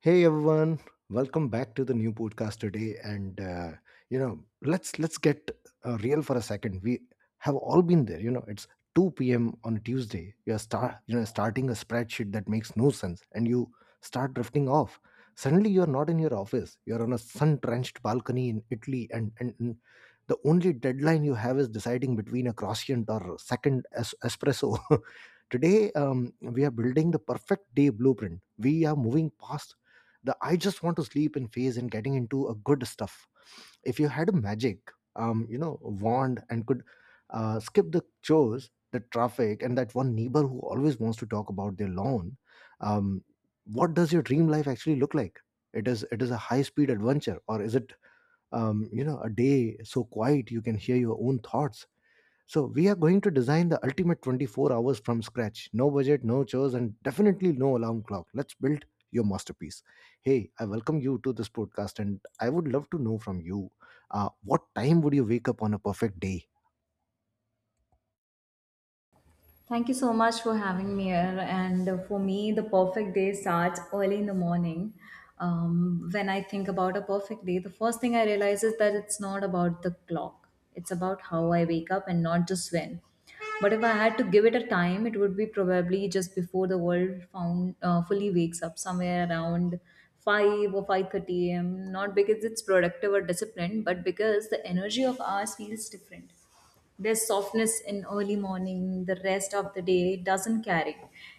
Hey everyone, welcome back to the new podcast today. And you know, let's get real for a second. We have all been there. You know, it's 2 p.m. on a Tuesday. You're starting a spreadsheet that makes no sense, and you start drifting off. Suddenly, you're not in your office. You're on a sun-drenched balcony in Italy, and the only deadline you have is deciding between a croissant or a second espresso. Today, we are building the perfect day blueprint. We are moving past the I just want to sleep in phase and getting into a good stuff if you had a magic wand and could skip the chores, the traffic, and that one neighbor who always wants to talk about their lawn. um what does your dream life actually look like? It is it is a high speed adventure, or is it a day so quiet you can hear your own thoughts? So we are going to design the ultimate 24 hours from scratch. No budget, no chores, and definitely no alarm clock. Let's build your masterpiece. Hey, I welcome you to this podcast, and I would love to know from you, what time would you wake up on a perfect day? Thank you so much for having me here. And for me, the perfect day starts early in the morning. When I think about a perfect day, the first thing I realize is that it's not about the clock, it's about how I wake up and not just when. But if I had to give it a time, it would be probably just before the world found fully wakes up, somewhere around 5 or 5:30 a.m. Not because it's productive or disciplined, but because the energy of ours feels different. There's softness in early morning the rest of the day doesn't carry.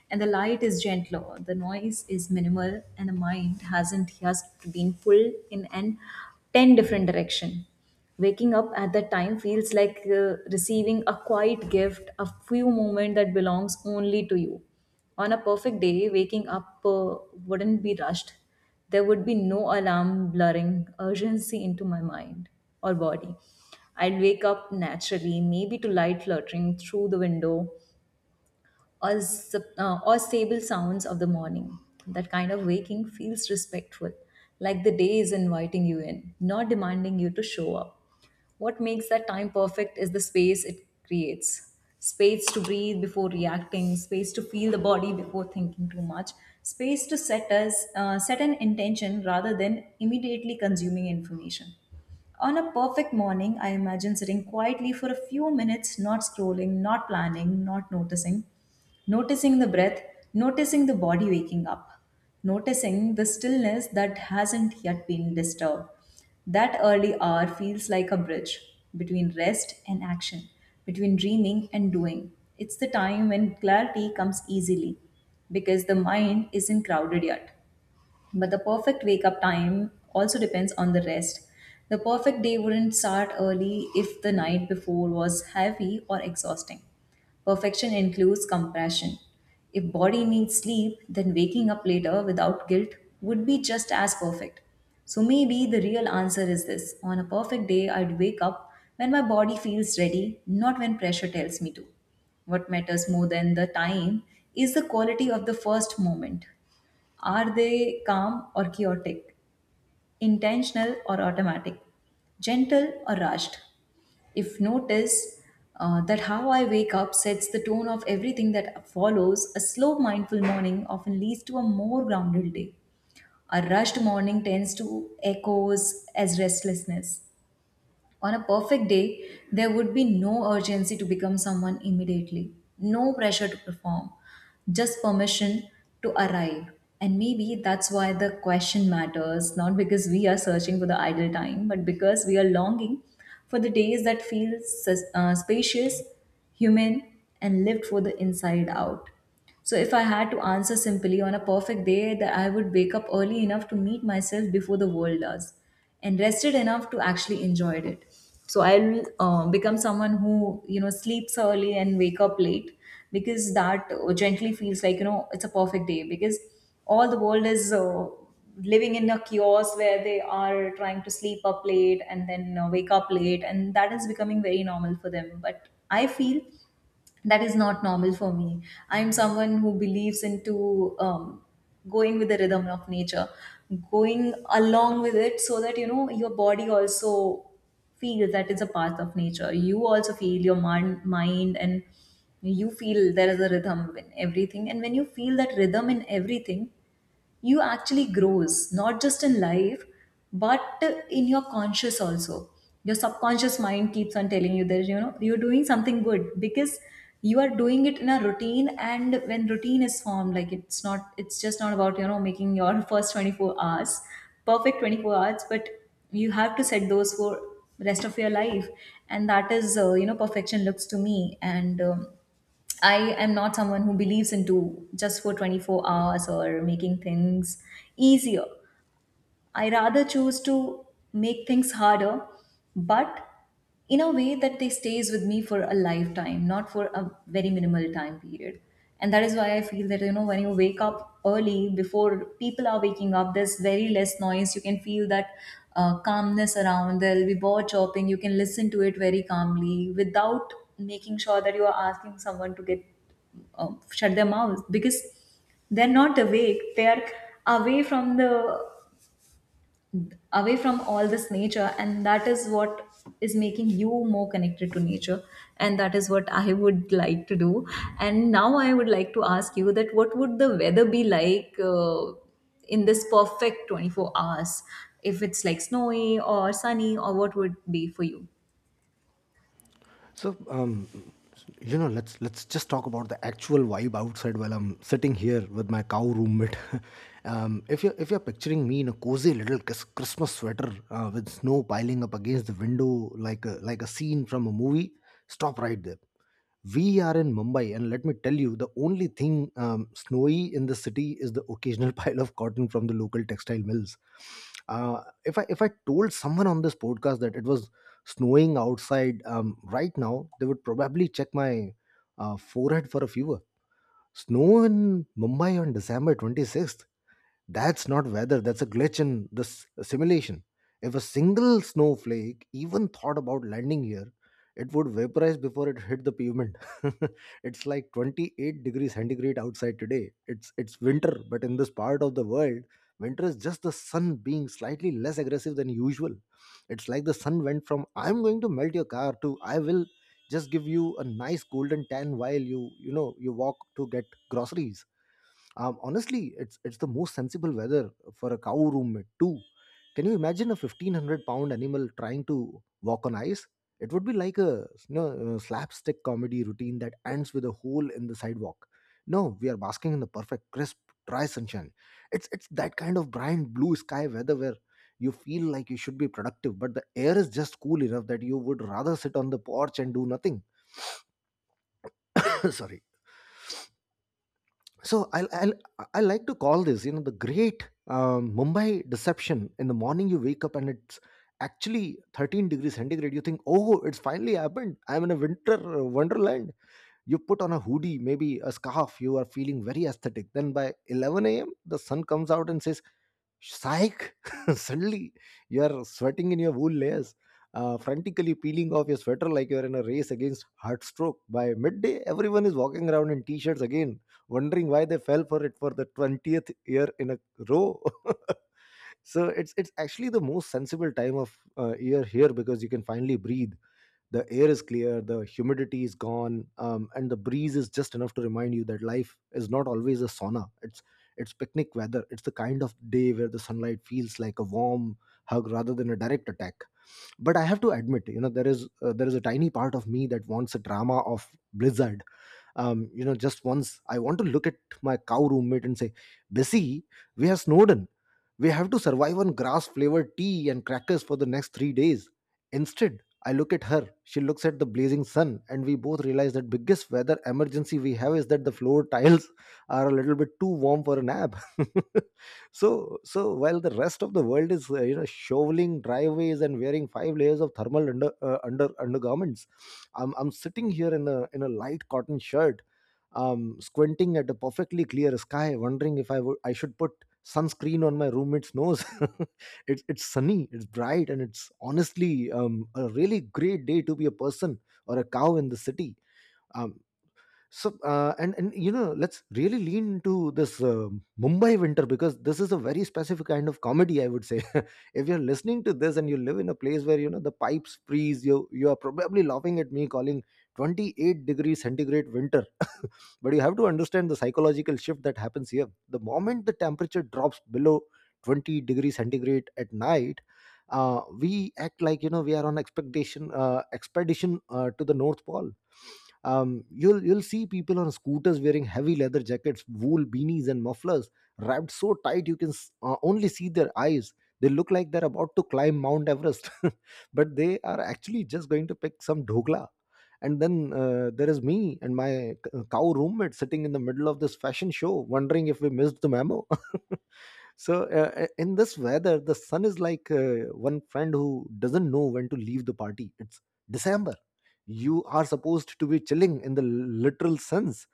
And the light is gentler, the noise is minimal, and the mind hasn't just been pulled in an 10 different direction. Waking up at that time feels like receiving a quiet gift, a few moments that belongs only to you. On a perfect day, waking up wouldn't be rushed. There would be no alarm blurring urgency into my mind or body. I'd wake up naturally, maybe to light fluttering through the window or, or stable sounds of the morning. That kind of waking feels respectful, like the day is inviting you in, not demanding you to show up. What makes that time perfect is the space it creates, space to breathe before reacting, space to feel the body before thinking too much, space to set an intention rather than immediately consuming information. On a perfect morning, I imagine sitting quietly for a few minutes, not scrolling, not planning, not noticing. Noticing the breath, noticing the body waking up, noticing the stillness that hasn't yet been disturbed. That early hour feels like a bridge between rest and action, between dreaming and doing. It's the time when clarity comes easily because the mind isn't crowded yet. But the perfect wake up time also depends on the rest. The perfect day wouldn't start early if the night before was heavy or exhausting. Perfection includes compression. If body needs sleep, then waking up later without guilt would be just as perfect. So maybe the real answer is this. On a perfect day, I'd wake up when my body feels ready, not when pressure tells me to. What matters more than the time is the quality of the first moment. Are they calm or chaotic, intentional or automatic, gentle or rushed? If notice that how I wake up sets the tone of everything that follows, a slow, mindful morning often leads to a more grounded day. A rushed morning tends to echoes as restlessness. On a perfect day, there would be no urgency to become someone immediately, no pressure to perform, just permission to arrive. And maybe that's why the question matters, not because we are searching for the idle time, but because we are longing for the days that feel spacious, human, and lived for the inside out. So if I had to answer simply, on a perfect day that I would wake up early enough to meet myself before the world does and rested enough to actually enjoy it. So I'll become someone who, you know, sleeps early and wake up late, because that gently feels like, you know, it's a perfect day, because all the world is living in a chaos where they are trying to sleep up late and then wake up late, and that is becoming very normal for them. But I feel that is not normal for me. I'm someone who believes into going with the rhythm of nature, going along with it, so that you know your body also feels that it's a path of nature. You also feel your mind and you feel there is a rhythm in everything, and when you feel that rhythm in everything, you actually grows not just in life, but in your conscious also. Your subconscious mind keeps on telling you that you know you're doing something good because you are doing it in a routine. And when routine is formed, like, it's just not about, you know, making your first 24 hours, perfect 24 hours, but you have to set those for rest of your life. And that is you know perfection looks to me. And I am not someone who believes into just for 24 hours or making things easier. I rather choose to make things harder, but in a way that they stays with me for a lifetime, not for a very minimal time period. And that is why I feel that you know when you wake up early, before people are waking up, there's very less noise. You can feel that calmness around. There'll be bird chirping. You can listen to it very calmly without making sure that you are asking someone to get shut their mouths because they're not awake. They are away from the, away from all this nature, and that is what is making you more connected to nature. And that is what I would like to do. And now I would like to ask you that what would the weather be like in this perfect 24 hours, if it's like snowy or sunny, or what would be for you. So, let's just talk about the actual vibe outside while I'm sitting here with my cow roommate. If you're picturing me in a cozy little Christmas sweater with snow piling up against the window like like a scene from a movie, stop right there. We are in Mumbai, and let me tell you, the only thing snowy in the city is the occasional pile of cotton from the local textile mills. If I told someone on this podcast that it was snowing outside right now, they would probably check my forehead for a fever. Snow in Mumbai on December 26th. That's not weather, that's a glitch in the simulation. If a single snowflake even thought about landing here, it would vaporize before it hit the pavement. It's like 28 degrees centigrade outside today. It's winter, but in this part of the world, winter is just the sun being slightly less aggressive than usual. It's like the sun went from I'm going to melt your car to I will just give you a nice golden tan while you walk to get groceries. Honestly, it's the most sensible weather for a cow roommate too. Can you imagine a 1500 pound animal trying to walk on ice? It would be like a slapstick comedy routine that ends with a hole in the sidewalk. No, we are basking in the perfect crisp, dry sunshine. It's that kind of bright blue sky weather where you feel like you should be productive, but the air is just cool enough that you would rather sit on the porch and do nothing. Sorry, so I like to call this the great Mumbai deception. In the morning you wake up and it's actually 13 degrees centigrade. You think, oh, it's finally happened, I'm in a winter wonderland. You put on a hoodie, maybe a scarf, you are feeling very aesthetic. Then by 11 a.m. the sun comes out and says, Psych! Suddenly, you are sweating in your wool layers, frantically peeling off your sweater like you are in a race against heart stroke. By midday, everyone is walking around in t-shirts again, wondering why they fell for it for the 20th year in a row. So it's actually the most sensible time of year here, because you can finally breathe. The air is clear, the humidity is gone, and the breeze is just enough to remind you that life is not always a sauna. It's picnic weather. It's the kind of day where the sunlight feels like a warm hug rather than a direct attack. But I have to admit, you know, there is a tiny part of me that wants a drama of blizzard. You know, just once I want to look at my cow roommate and say, Bessie, we have snowden, we have to survive on grass flavored tea and crackers for the next 3 days. Instead, I look at her, she looks at the blazing sun, and we both realize that biggest weather emergency we have is that the floor tiles are a little bit too warm for a nap. So so while the rest of the world is shoveling driveways and wearing 5 layers of thermal undergarments, I'm sitting here in a light cotton shirt, squinting at a perfectly clear sky, wondering if I should put sunscreen on my roommate's nose. It's sunny, it's bright, and it's honestly a really great day to be a person or a cow in the city. Um, so and you know Let's really lean into this Mumbai winter, because this is a very specific kind of comedy, I would say. If you're listening to this and you live in a place where, you know, the pipes freeze, you are probably laughing at me calling 28 degrees centigrade winter. But you have to understand the psychological shift that happens here. The moment the temperature drops below 20 degrees centigrade at night, we act like, you know, we are on expectation expedition to the north pole. You'll see people on scooters wearing heavy leather jackets, wool beanies, and mufflers wrapped so tight you can only see their eyes. They look like they're about to climb Mount Everest, but they are actually just going to pick some dhokla. And then there is me and my cow roommate sitting in the middle of this fashion show, wondering if we missed the memo. So in this weather, the sun is like one friend who doesn't know when to leave the party. It's December, you are supposed to be chilling in the literal sense.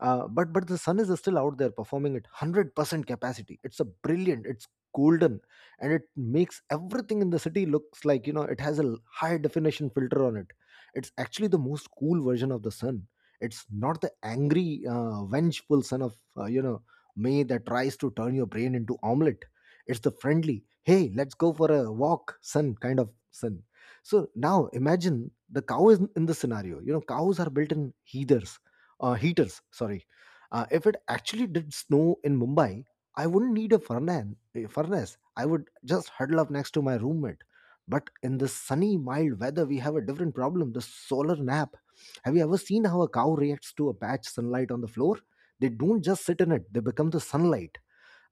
But the sun is still out there performing at 100% capacity. It's a brilliant, it's golden, and it makes everything in the city looks like, you know, it has a high definition filter on it. It's actually the most cool version of the sun. It's not the angry vengeful son of, may, that tries to turn your brain into omelet. It's the friendly hey let's go for a walk sun, kind of sun. So now imagine the cow is in the scenario. You know, cows are built-in heaters, heaters. Sorry, if it actually did snow in Mumbai, I wouldn't need a furnace. A furnace. I would just huddle up next to my roommate. But in the sunny, mild weather, we have a different problem: the solar nap. Have you ever seen how a cow reacts to a patch sunlight on the floor? They don't just sit in it; they become the sunlight.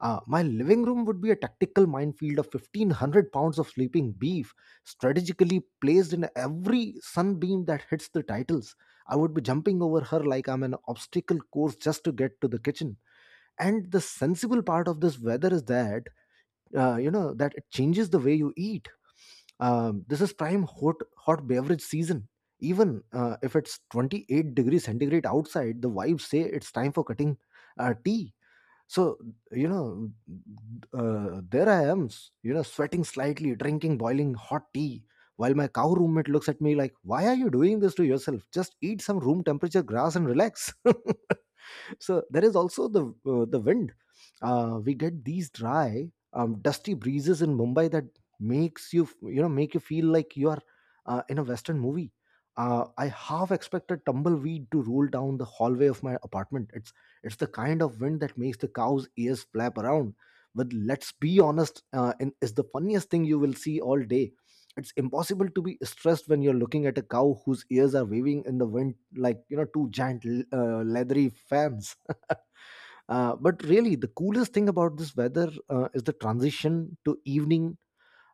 My living room would be a tactical minefield of 1500 pounds of sleeping beef, strategically placed in every sunbeam that hits the titles. I would be jumping over her like I'm an obstacle course just to get to the kitchen. And the sensible part of this weather is that, that it changes the way you eat. This is prime hot, hot beverage season. Even if it's 28 degrees centigrade outside, the vibes say it's time for cutting tea. so, you know, there I am, sweating slightly, drinking boiling hot tea, while my cow roommate looks at me like, Why are you doing this to yourself? Just eat some room temperature grass and relax. So there is also the wind. We get these dry dusty breezes in Mumbai that make you feel like you are in a western movie. I half expected tumbleweed to roll down the hallway of my apartment. It's the kind of wind that makes the cow's ears flap around. But let's be honest, and is the funniest thing you will see all day. It's impossible to be stressed when you're looking at a cow whose ears are waving in the wind like, you know, two giant leathery fans. But really, the coolest thing about this weather is the transition to evening.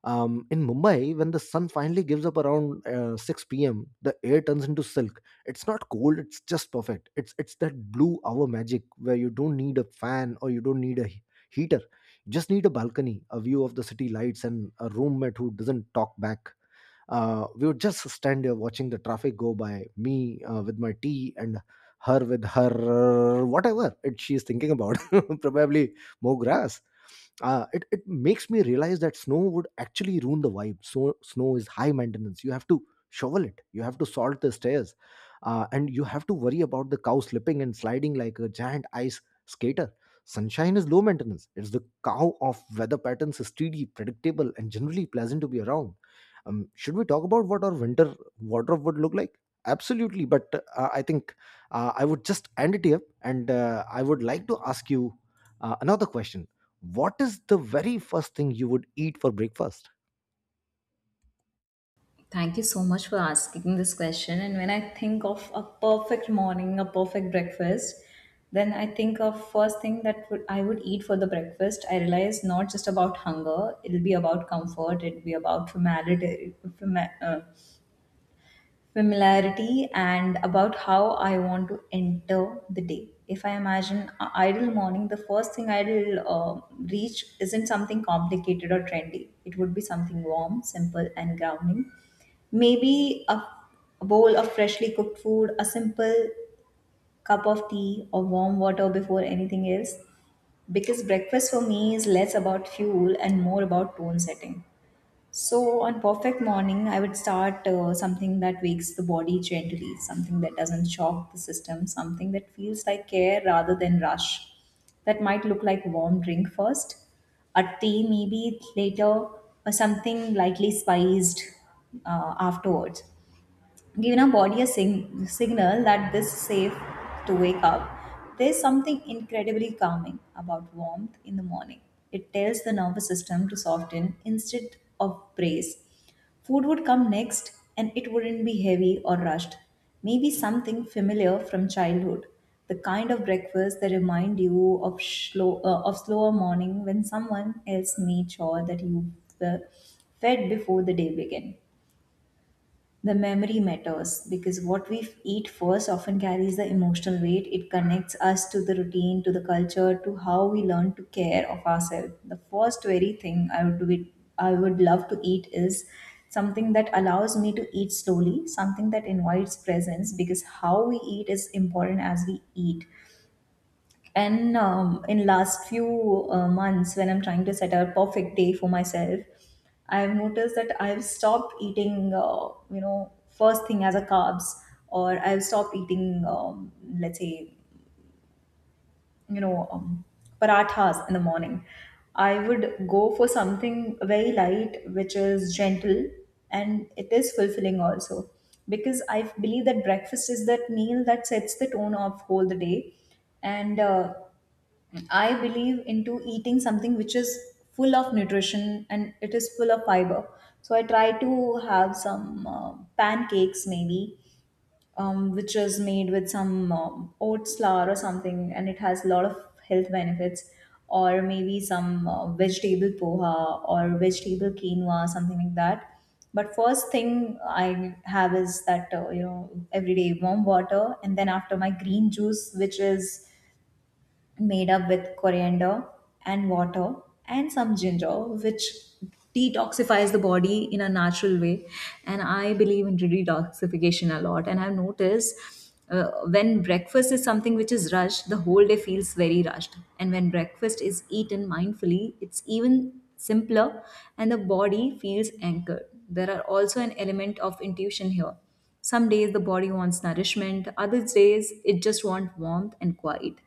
In Mumbai, when the sun finally gives up around 6 p.m., the air turns into silk. It's not cold; it's just perfect. It's that blue hour magic where you don't need a fan or you don't need a heater. You just need a balcony, a view of the city lights, and a roommate who doesn't talk back. We would just stand there watching the traffic go by me with my tea, and her with her whatever it she is thinking about probably more grass. It makes me realize that snow would actually ruin the vibe. So snow is high maintenance. You have to shovel it, you have to salt the stairs, and you have to worry about the cow slipping and sliding like a giant ice skater. Sunshine is low maintenance. It's the cow of weather patterns, is steady, predictable, and generally pleasant to be around. Should we talk about what our winter wardrobe would look like? Absolutely, but I think I would just end it here, and I would like to ask you another question. What is the very first thing you would eat for breakfast? Thank you so much for asking this question. And when I think of a perfect morning, a perfect breakfast, then I think of first thing that would, I would eat for the breakfast. I realize not just about hunger; it'll be about comfort. It'll be about familiarity, familiarity, and about how I want to enter the day. If I imagine a idle morning, the first thing I'll reach isn't something complicated or trendy. It would be something warm, simple, and grounding. Maybe a bowl of freshly cooked food, a simple cup of tea, or warm water before anything else. Because breakfast for me is less about fuel and more about tone setting. So, on perfect morning, I would start something that wakes the body gently, something that doesn't shock the system, something that feels like care rather than rush. That might look like warm drink first, a tea maybe later, or something lightly spiced afterwards, giving our body a signal that this is safe to wake up. There's something incredibly calming about warmth in the morning. It tells the nervous system to soften instead of brace. Food would come next and it wouldn't be heavy or rushed. Maybe something familiar from childhood. The kind of breakfast that remind you of slow, of slower morning when someone else made sure that you were fed before the day began. The memory matters because what we eat first often carries the emotional weight. It connects us to the routine, to the culture, to how we learn to care of ourselves. The first very thing I would do, I would love to eat, is something that allows me to eat slowly, something that invites presence, because how we eat is important as we eat. And in last few months when I'm trying to set a perfect day for myself, I've noticed that I've stopped eating you know first thing as a carbs, or I've stopped eating, let's say, you know, parathas in the morning. I would go for something very light which is gentle and it is fulfilling also, because I believe that breakfast is that meal that sets the tone of whole the day. And I believe into eating something which is full of nutrition and it is full of fiber. So I try to have some pancakes maybe, which is made with some oats flour or something, and it has a lot of health benefits. Or maybe some vegetable poha or vegetable quinoa, something like that. But first thing I have is that you know everyday warm water, and then after my green juice, which is made up with coriander and water and some ginger, which detoxifies the body in a natural way. And I believe in detoxification a lot. And I've noticed when breakfast is something which is rushed, the whole day feels very rushed. And when breakfast is eaten mindfully, it's even simpler and the body feels anchored. There are also an element of intuition here. Some days the body wants nourishment, other days it just wants warmth and quiet.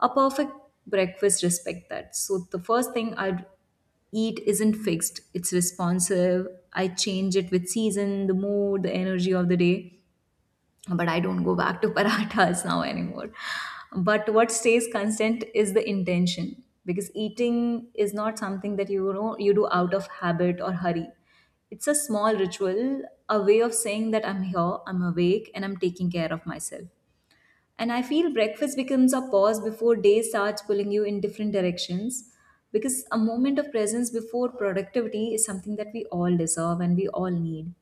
A perfect breakfast respect that. So the first thing I'd eat isn't fixed. It's responsive. I change it with season, the mood, the energy of the day. But I don't go back to parathas now anymore. But what stays constant is the intention, because eating is not something that you know you do out of habit or hurry. It's a small ritual, a way of saying that I'm here, I'm awake, and I'm taking care of myself. And I feel breakfast becomes a pause before day starts pulling you in different directions because a moment of presence before productivity is something that we all deserve and we all need.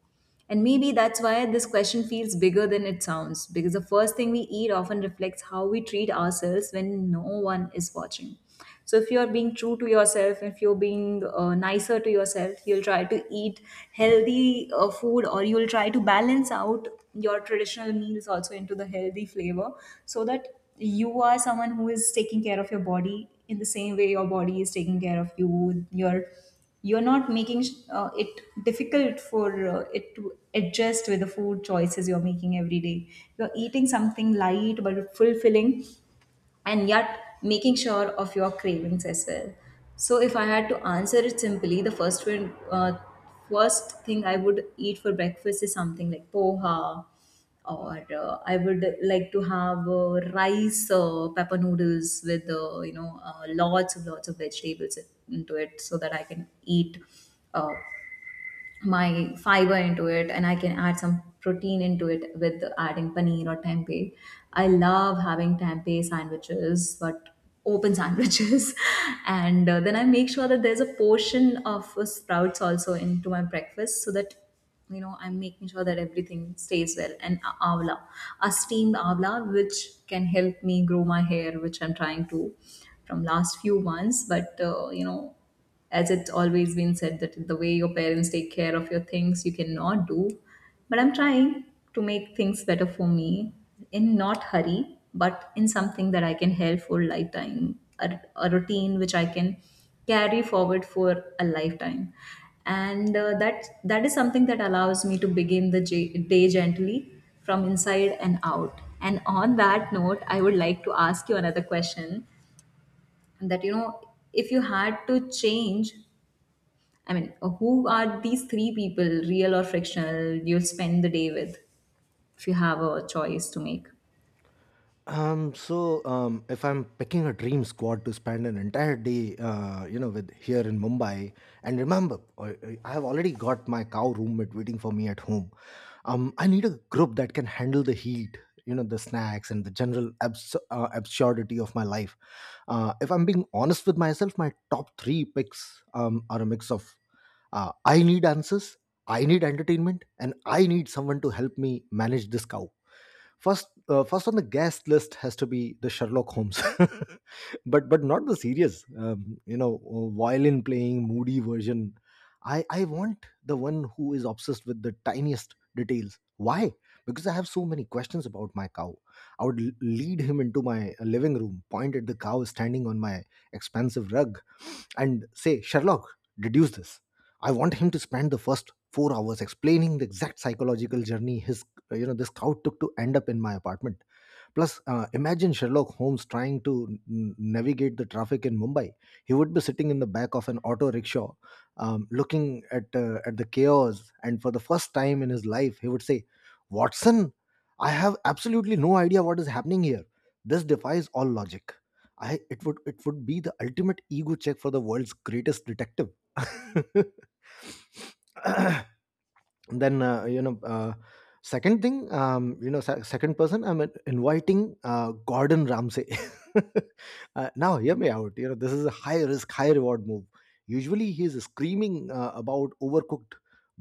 And maybe that's why this question feels bigger than it sounds because the first thing we eat often reflects how we treat ourselves when no one is watching. So if you're being true to yourself, if you're being nicer to yourself, you'll try to eat healthy food, or you'll try to balance out your traditional meals also into the healthy flavor, so that you are someone who is taking care of your body in the same way your body is taking care of you. You're not making it difficult for it to adjust with the food choices you're making every day. You're eating something light but fulfilling, and yet making sure of your cravings as well. So if I had to answer it simply, first thing I would eat for breakfast is something like poha, or I would like to have rice pepper noodles with lots of vegetables into it, so that I can eat Uh, my fiber into it. And I can add some protein into it with adding paneer or tempeh. I love having tempeh sandwiches, but open sandwiches. And then I make sure that there's a portion of sprouts also into my breakfast, so that you know I'm making sure that everything stays well. And avla, a steamed avla, which can help me grow my hair, which I'm trying to from last few months. But you know, as it's always been said that the way your parents take care of your things you cannot do, but I'm trying to make things better for me, in not hurry, but in something that I can help for lifetime. A routine which I can carry forward for a lifetime, and that is something that allows me to begin the day gently from inside and out. And on that note, I would like to ask you another question, and that you know, if you had to change, who are these three people, real or fictional, you'll spend the day with, if you have a choice to make? If I'm picking a dream squad to spend an entire day, with here in Mumbai, and remember, I have already got my cow roommate waiting for me at home. I need a group that can handle the heat, you know, the snacks and the general absurdity of my life. If I'm being honest with myself, my top three picks are a mix of I need answers, I need entertainment, and I need someone to help me manage this cow. First on the guest list has to be the Sherlock Holmes, but not the serious, violin playing moody version. I want the one who is obsessed with the tiniest details. Why? Because I have so many questions about my cow. I would lead him into my living room, point at the cow standing on my expansive rug, and say, Sherlock, deduce this. I want him to spend the first 4 hours explaining the exact psychological journey his, you know, this scout took to end up in my apartment. Plus, imagine Sherlock Holmes trying to navigate the traffic in Mumbai. He would be sitting in the back of an auto rickshaw, looking at the chaos. And for the first time in his life, he would say, "Watson, I have absolutely no idea what is happening here. This defies all logic." I it would be the ultimate ego check for the world's greatest detective. Then second thing, second person I'm inviting, Gordon Ramsay. Now hear me out, you know, this is a high risk high reward move. Usually he's screaming about overcooked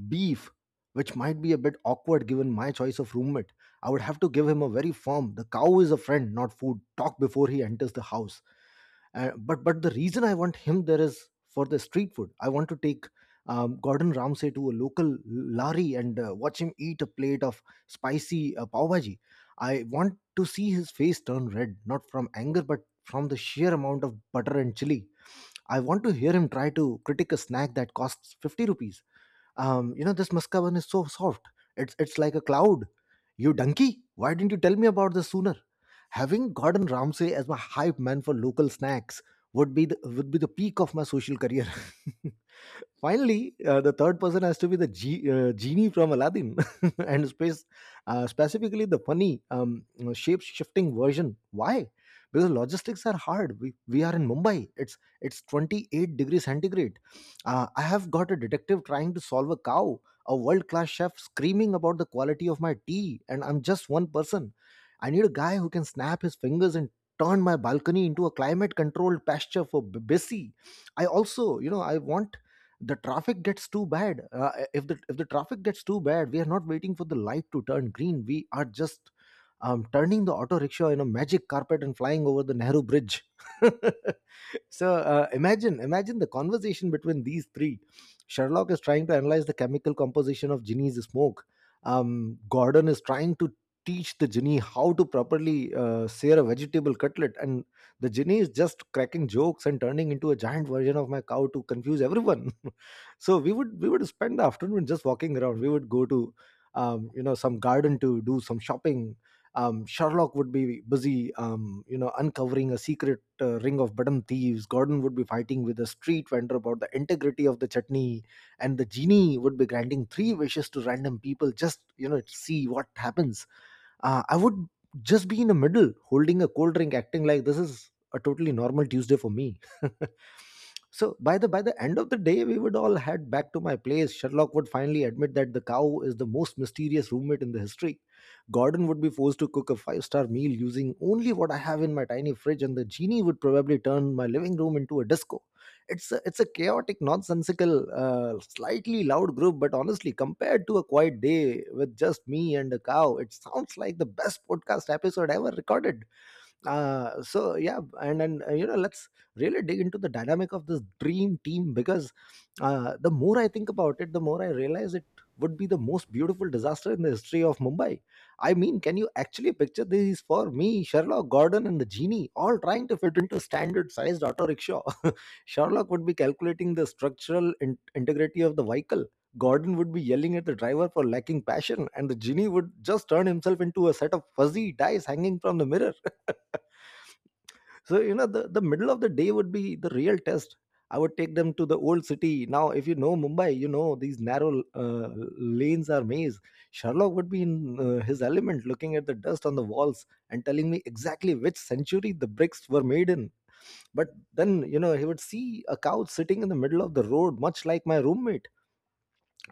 beef, which might be a bit awkward given my choice of roommate. I would have to give him a very firm "the cow is a friend, not food" talk before he enters the house. But the reason I want him there is for the street food. I want to take Gordon Ramsay to a local lari and watch him eat a plate of spicy pav bhaji. I want to see his face turn red, not from anger, but from the sheer amount of butter and chili. I want to hear him try to critique a snack that costs 50 rupees. You know, this muskavan is so soft. It's like a cloud. You donkey, why didn't you tell me about this sooner? Having Gordon Ramsay as my hype man for local snacks would be the peak of my social career. Finally, the third person has to be the genie from Aladdin, and space, specifically the funny, shape shifting version. Why? Because logistics are hard. We are in Mumbai. It's 28 degrees centigrade. I have got a detective trying to solve a cow, a world class chef screaming about the quality of my tea, and I'm just one person. I need a guy who can snap his fingers and turn my balcony into a climate controlled pasture for Bessie. I also, you know, I want the traffic gets too bad. If the traffic gets too bad, we are not waiting for the light to turn green. We are just turning the auto rickshaw in a magic carpet and flying over the Nehru Bridge. So imagine the conversation between these three. Sherlock is trying to analyze the chemical composition of Ginny's smoke, Gordon is trying to teach the Ginny how to properly sear a vegetable cutlet, and the Ginny is just cracking jokes and turning into a giant version of my cow to confuse everyone. So we would spend the afternoon just walking around. We would go to some garden to do some shopping. Sherlock would be busy, uncovering a secret ring of button thieves. Gordon would be fighting with a street vendor about the integrity of the chutney, and the genie would be granting three wishes to random people, just you know, see what happens. I would just be in the middle, holding a cold drink, acting like this is a totally normal Tuesday for me. So by the end of the day, we would all head back to my place. Sherlock would finally admit that the cow is the most mysterious roommate in the history. Gordon would be forced to cook a five-star meal using only what I have in my tiny fridge, and the genie would probably turn my living room into a disco. It's a chaotic, nonsensical, slightly loud group, but honestly, compared to a quiet day with just me and a cow, it sounds like the best podcast episode ever recorded. So yeah, and then, let's really dig into the dynamic of this dream team, because the more I think about it, the more I realize it would be the most beautiful disaster in the history of Mumbai. I mean, can you actually picture these for me, Sherlock, Gordon, and the genie all trying to fit into standard sized auto rickshaw? Sherlock would be calculating the structural integrity of the vehicle. Gordon would be yelling at the driver for lacking passion, and the genie would just turn himself into a set of fuzzy dice hanging from the mirror. So you know, the middle of the day would be the real test. I would take them to the old city. Now if you know Mumbai, you know these narrow uh, lanes are maze. Sherlock would be in his element, looking at the dust on the walls and telling me exactly which century the bricks were made in. But then, you know, he would see a couch sitting in the middle of the road, much like my roommate,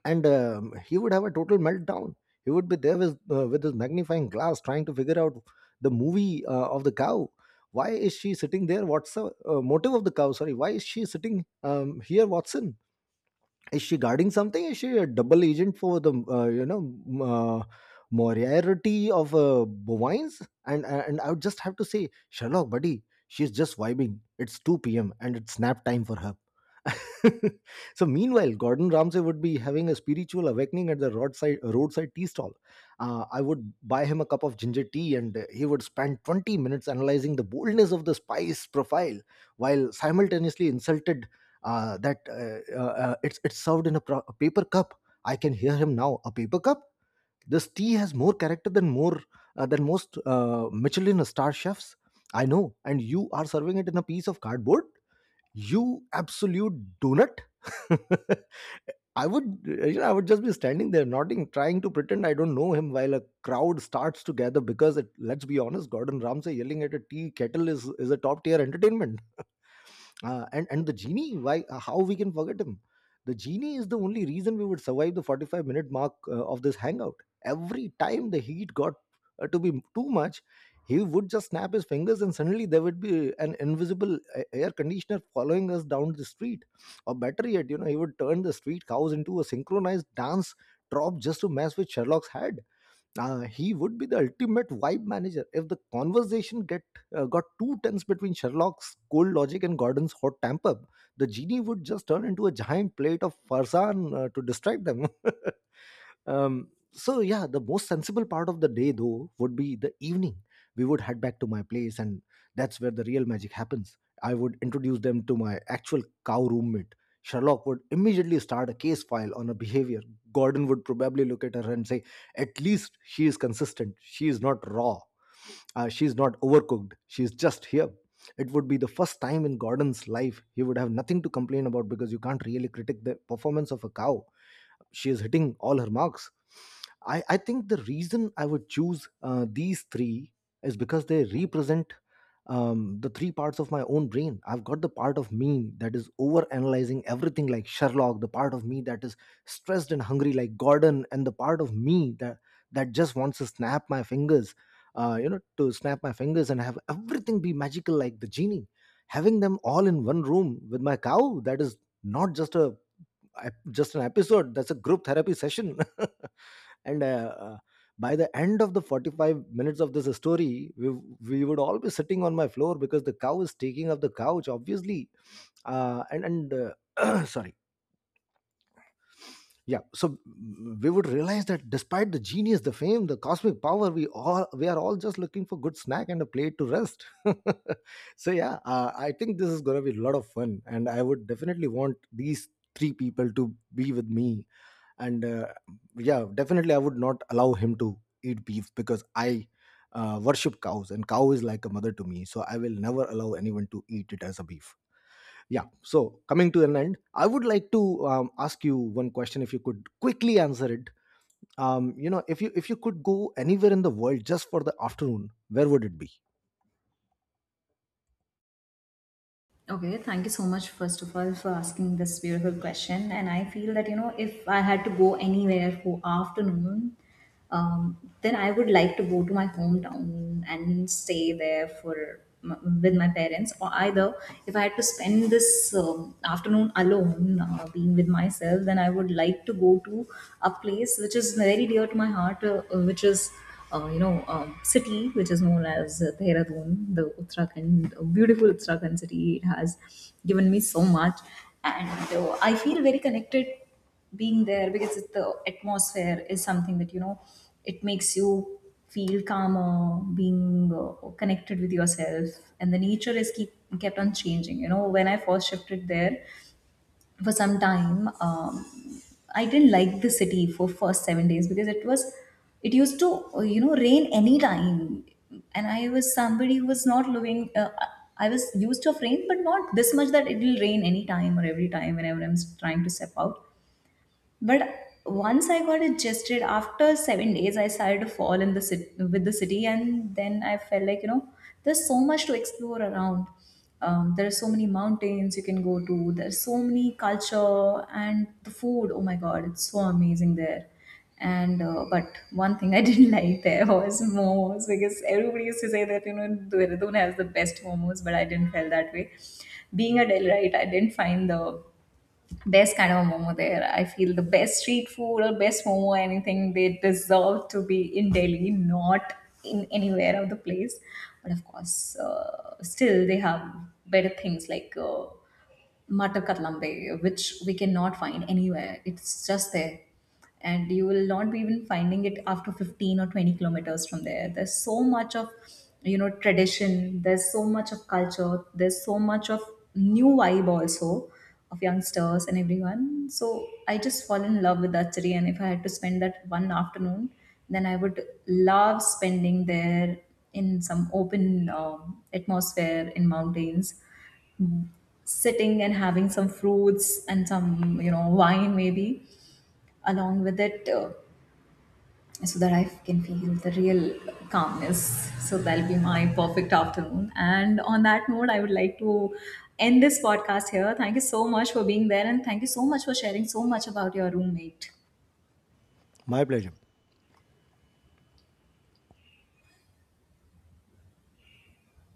and he would have a total meltdown. He would be there with his magnifying glass, trying to figure out the movie of the cow. Why is she sitting there? What's the motive of the cow? Sorry, why is she sitting here, Watson? Is she guarding something? Is she a double agent for the, m- uh, Moriarty of bovines? And I would just have to say, Sherlock, buddy, she's just vibing. It's 2 p.m and it's nap time for her. So meanwhile, Gordon Ramsay would be having a spiritual awakening at the roadside tea stall. I would buy him a cup of ginger tea and he would spend 20 minutes analyzing the boldness of the spice profile while simultaneously insulted that it's served in a, a paper cup. I can hear him now. A paper cup. This tea has more character than more than most Michelin star chefs. I know, and you are serving it in a piece of cardboard. You absolute donut. I would, you know, I would just be standing there nodding, trying to pretend I don't know him, while a crowd starts to gather because it. Let's be honest, Gordon Ramsay yelling at a tea kettle is a top tier entertainment. And the genie, why how we can forget him? The genie is the only reason we would survive the 45-minute mark of this hangout. Every time the heat got to be too much, he would just snap his fingers and suddenly there would be an invisible air conditioner following us down the street. Or better yet, you know, he would turn the street cows into a synchronized dance drop just to mess with Sherlock's head. He would be the ultimate vibe manager. If the conversation get uh, got too tense between Sherlock's cold logic and Gordon's hot temper, the genie would just turn into a giant plate of farzan to distract them. So yeah, the most sensible part of the day though would be the evening. We would head back to my place, and that's where the real magic happens. I would introduce them to my actual cow roommate. Sherlock would immediately start a case file on her behavior. Gordon would probably look at her and say, at least she is consistent, she is not raw, she is not overcooked, she is just here. It would be the first time in Gordon's life he would have nothing to complain about, because you can't really critique the performance of a cow. She is hitting all her marks. I think the reason I would choose these three is because they represent the three parts of my own brain. I've got the part of me that is over analyzing everything like Sherlock, the part of me that is stressed and hungry like Gordon, and the part of me that just wants to snap my fingers, you know, to snap my fingers and have everything be magical like the genie. Having them all in one room with my cow, that is not just an episode, that's a group therapy session. and By the end of the 45 minutes of this story, we would all be sitting on my floor because the cow is taking up the couch, obviously. And sorry. We would realize that despite the genius, the fame, the cosmic power, we are all just looking for good snack and a plate to rest. So yeah, I think this is going to be a lot of fun and I would definitely want these three people to be with me. And Yeah, definitely I would not allow him to eat beef, because I worship cows, and cow is like a mother to me, so I will never allow anyone to eat it as a beef. Yeah, so coming to an end, I would like to ask you one question, if you could quickly answer it. If you could go anywhere in the world just for the afternoon, where would it be? Okay, thank you so much, first of all, for asking this beautiful question. And I feel that, you know, if I had to go anywhere for afternoon, um, then I would like to go to my hometown and stay there for with my parents. Or either if I had to spend this afternoon alone, being with myself, then I would like to go to a place which is very dear to my heart, which is you know, city which is known as Dehradun, the Uttarakhand, a beautiful Uttarakhand city. It has given me so much, and I feel very connected being there, because it, the atmosphere is something that you know it makes you feel calmer, being connected with yourself. And the nature is keep kept on changing. You know, when I first shifted there for some time, I didn't like the city for first seven days, because it was, it used to you know, rain any time, and I was somebody who was not living I was used to of rain, but not this much that it will rain any time or every time whenever I'm trying to step out. But once I got adjusted after seven days, I started to fall in the city with the city, and then I felt like, you know, there's so much to explore around. There are so many mountains you can go to. There's so many culture and the food. Oh my god, it's so amazing there. And but one thing I didn't like there was momos, because everybody used to say that you know Dehradun has the best momos, but I didn't feel that way. Being a Delhi, right, I didn't find the best kind of a momo there. I feel the best street food or best momo, anything they deserve to be in Delhi, not in anywhere of the place. But of course, still they have better things like matar katlambe, which we cannot find anywhere. It's just there, and you will not be even finding it after 15 or 20 kilometers from there. There's so much of you know tradition, there's so much of culture, there's so much of new vibe also of youngsters and everyone. So I just fall in love with that city, and if I had to spend that one afternoon, then I would love spending there in some open atmosphere in mountains, sitting and having some fruits and some you know wine maybe along with it, so that I can feel the real calmness. So that'll be my perfect afternoon. And on that note, I would like to end this podcast here. Thank you so much for being there, and thank you so much for sharing so much about your roommate. My pleasure.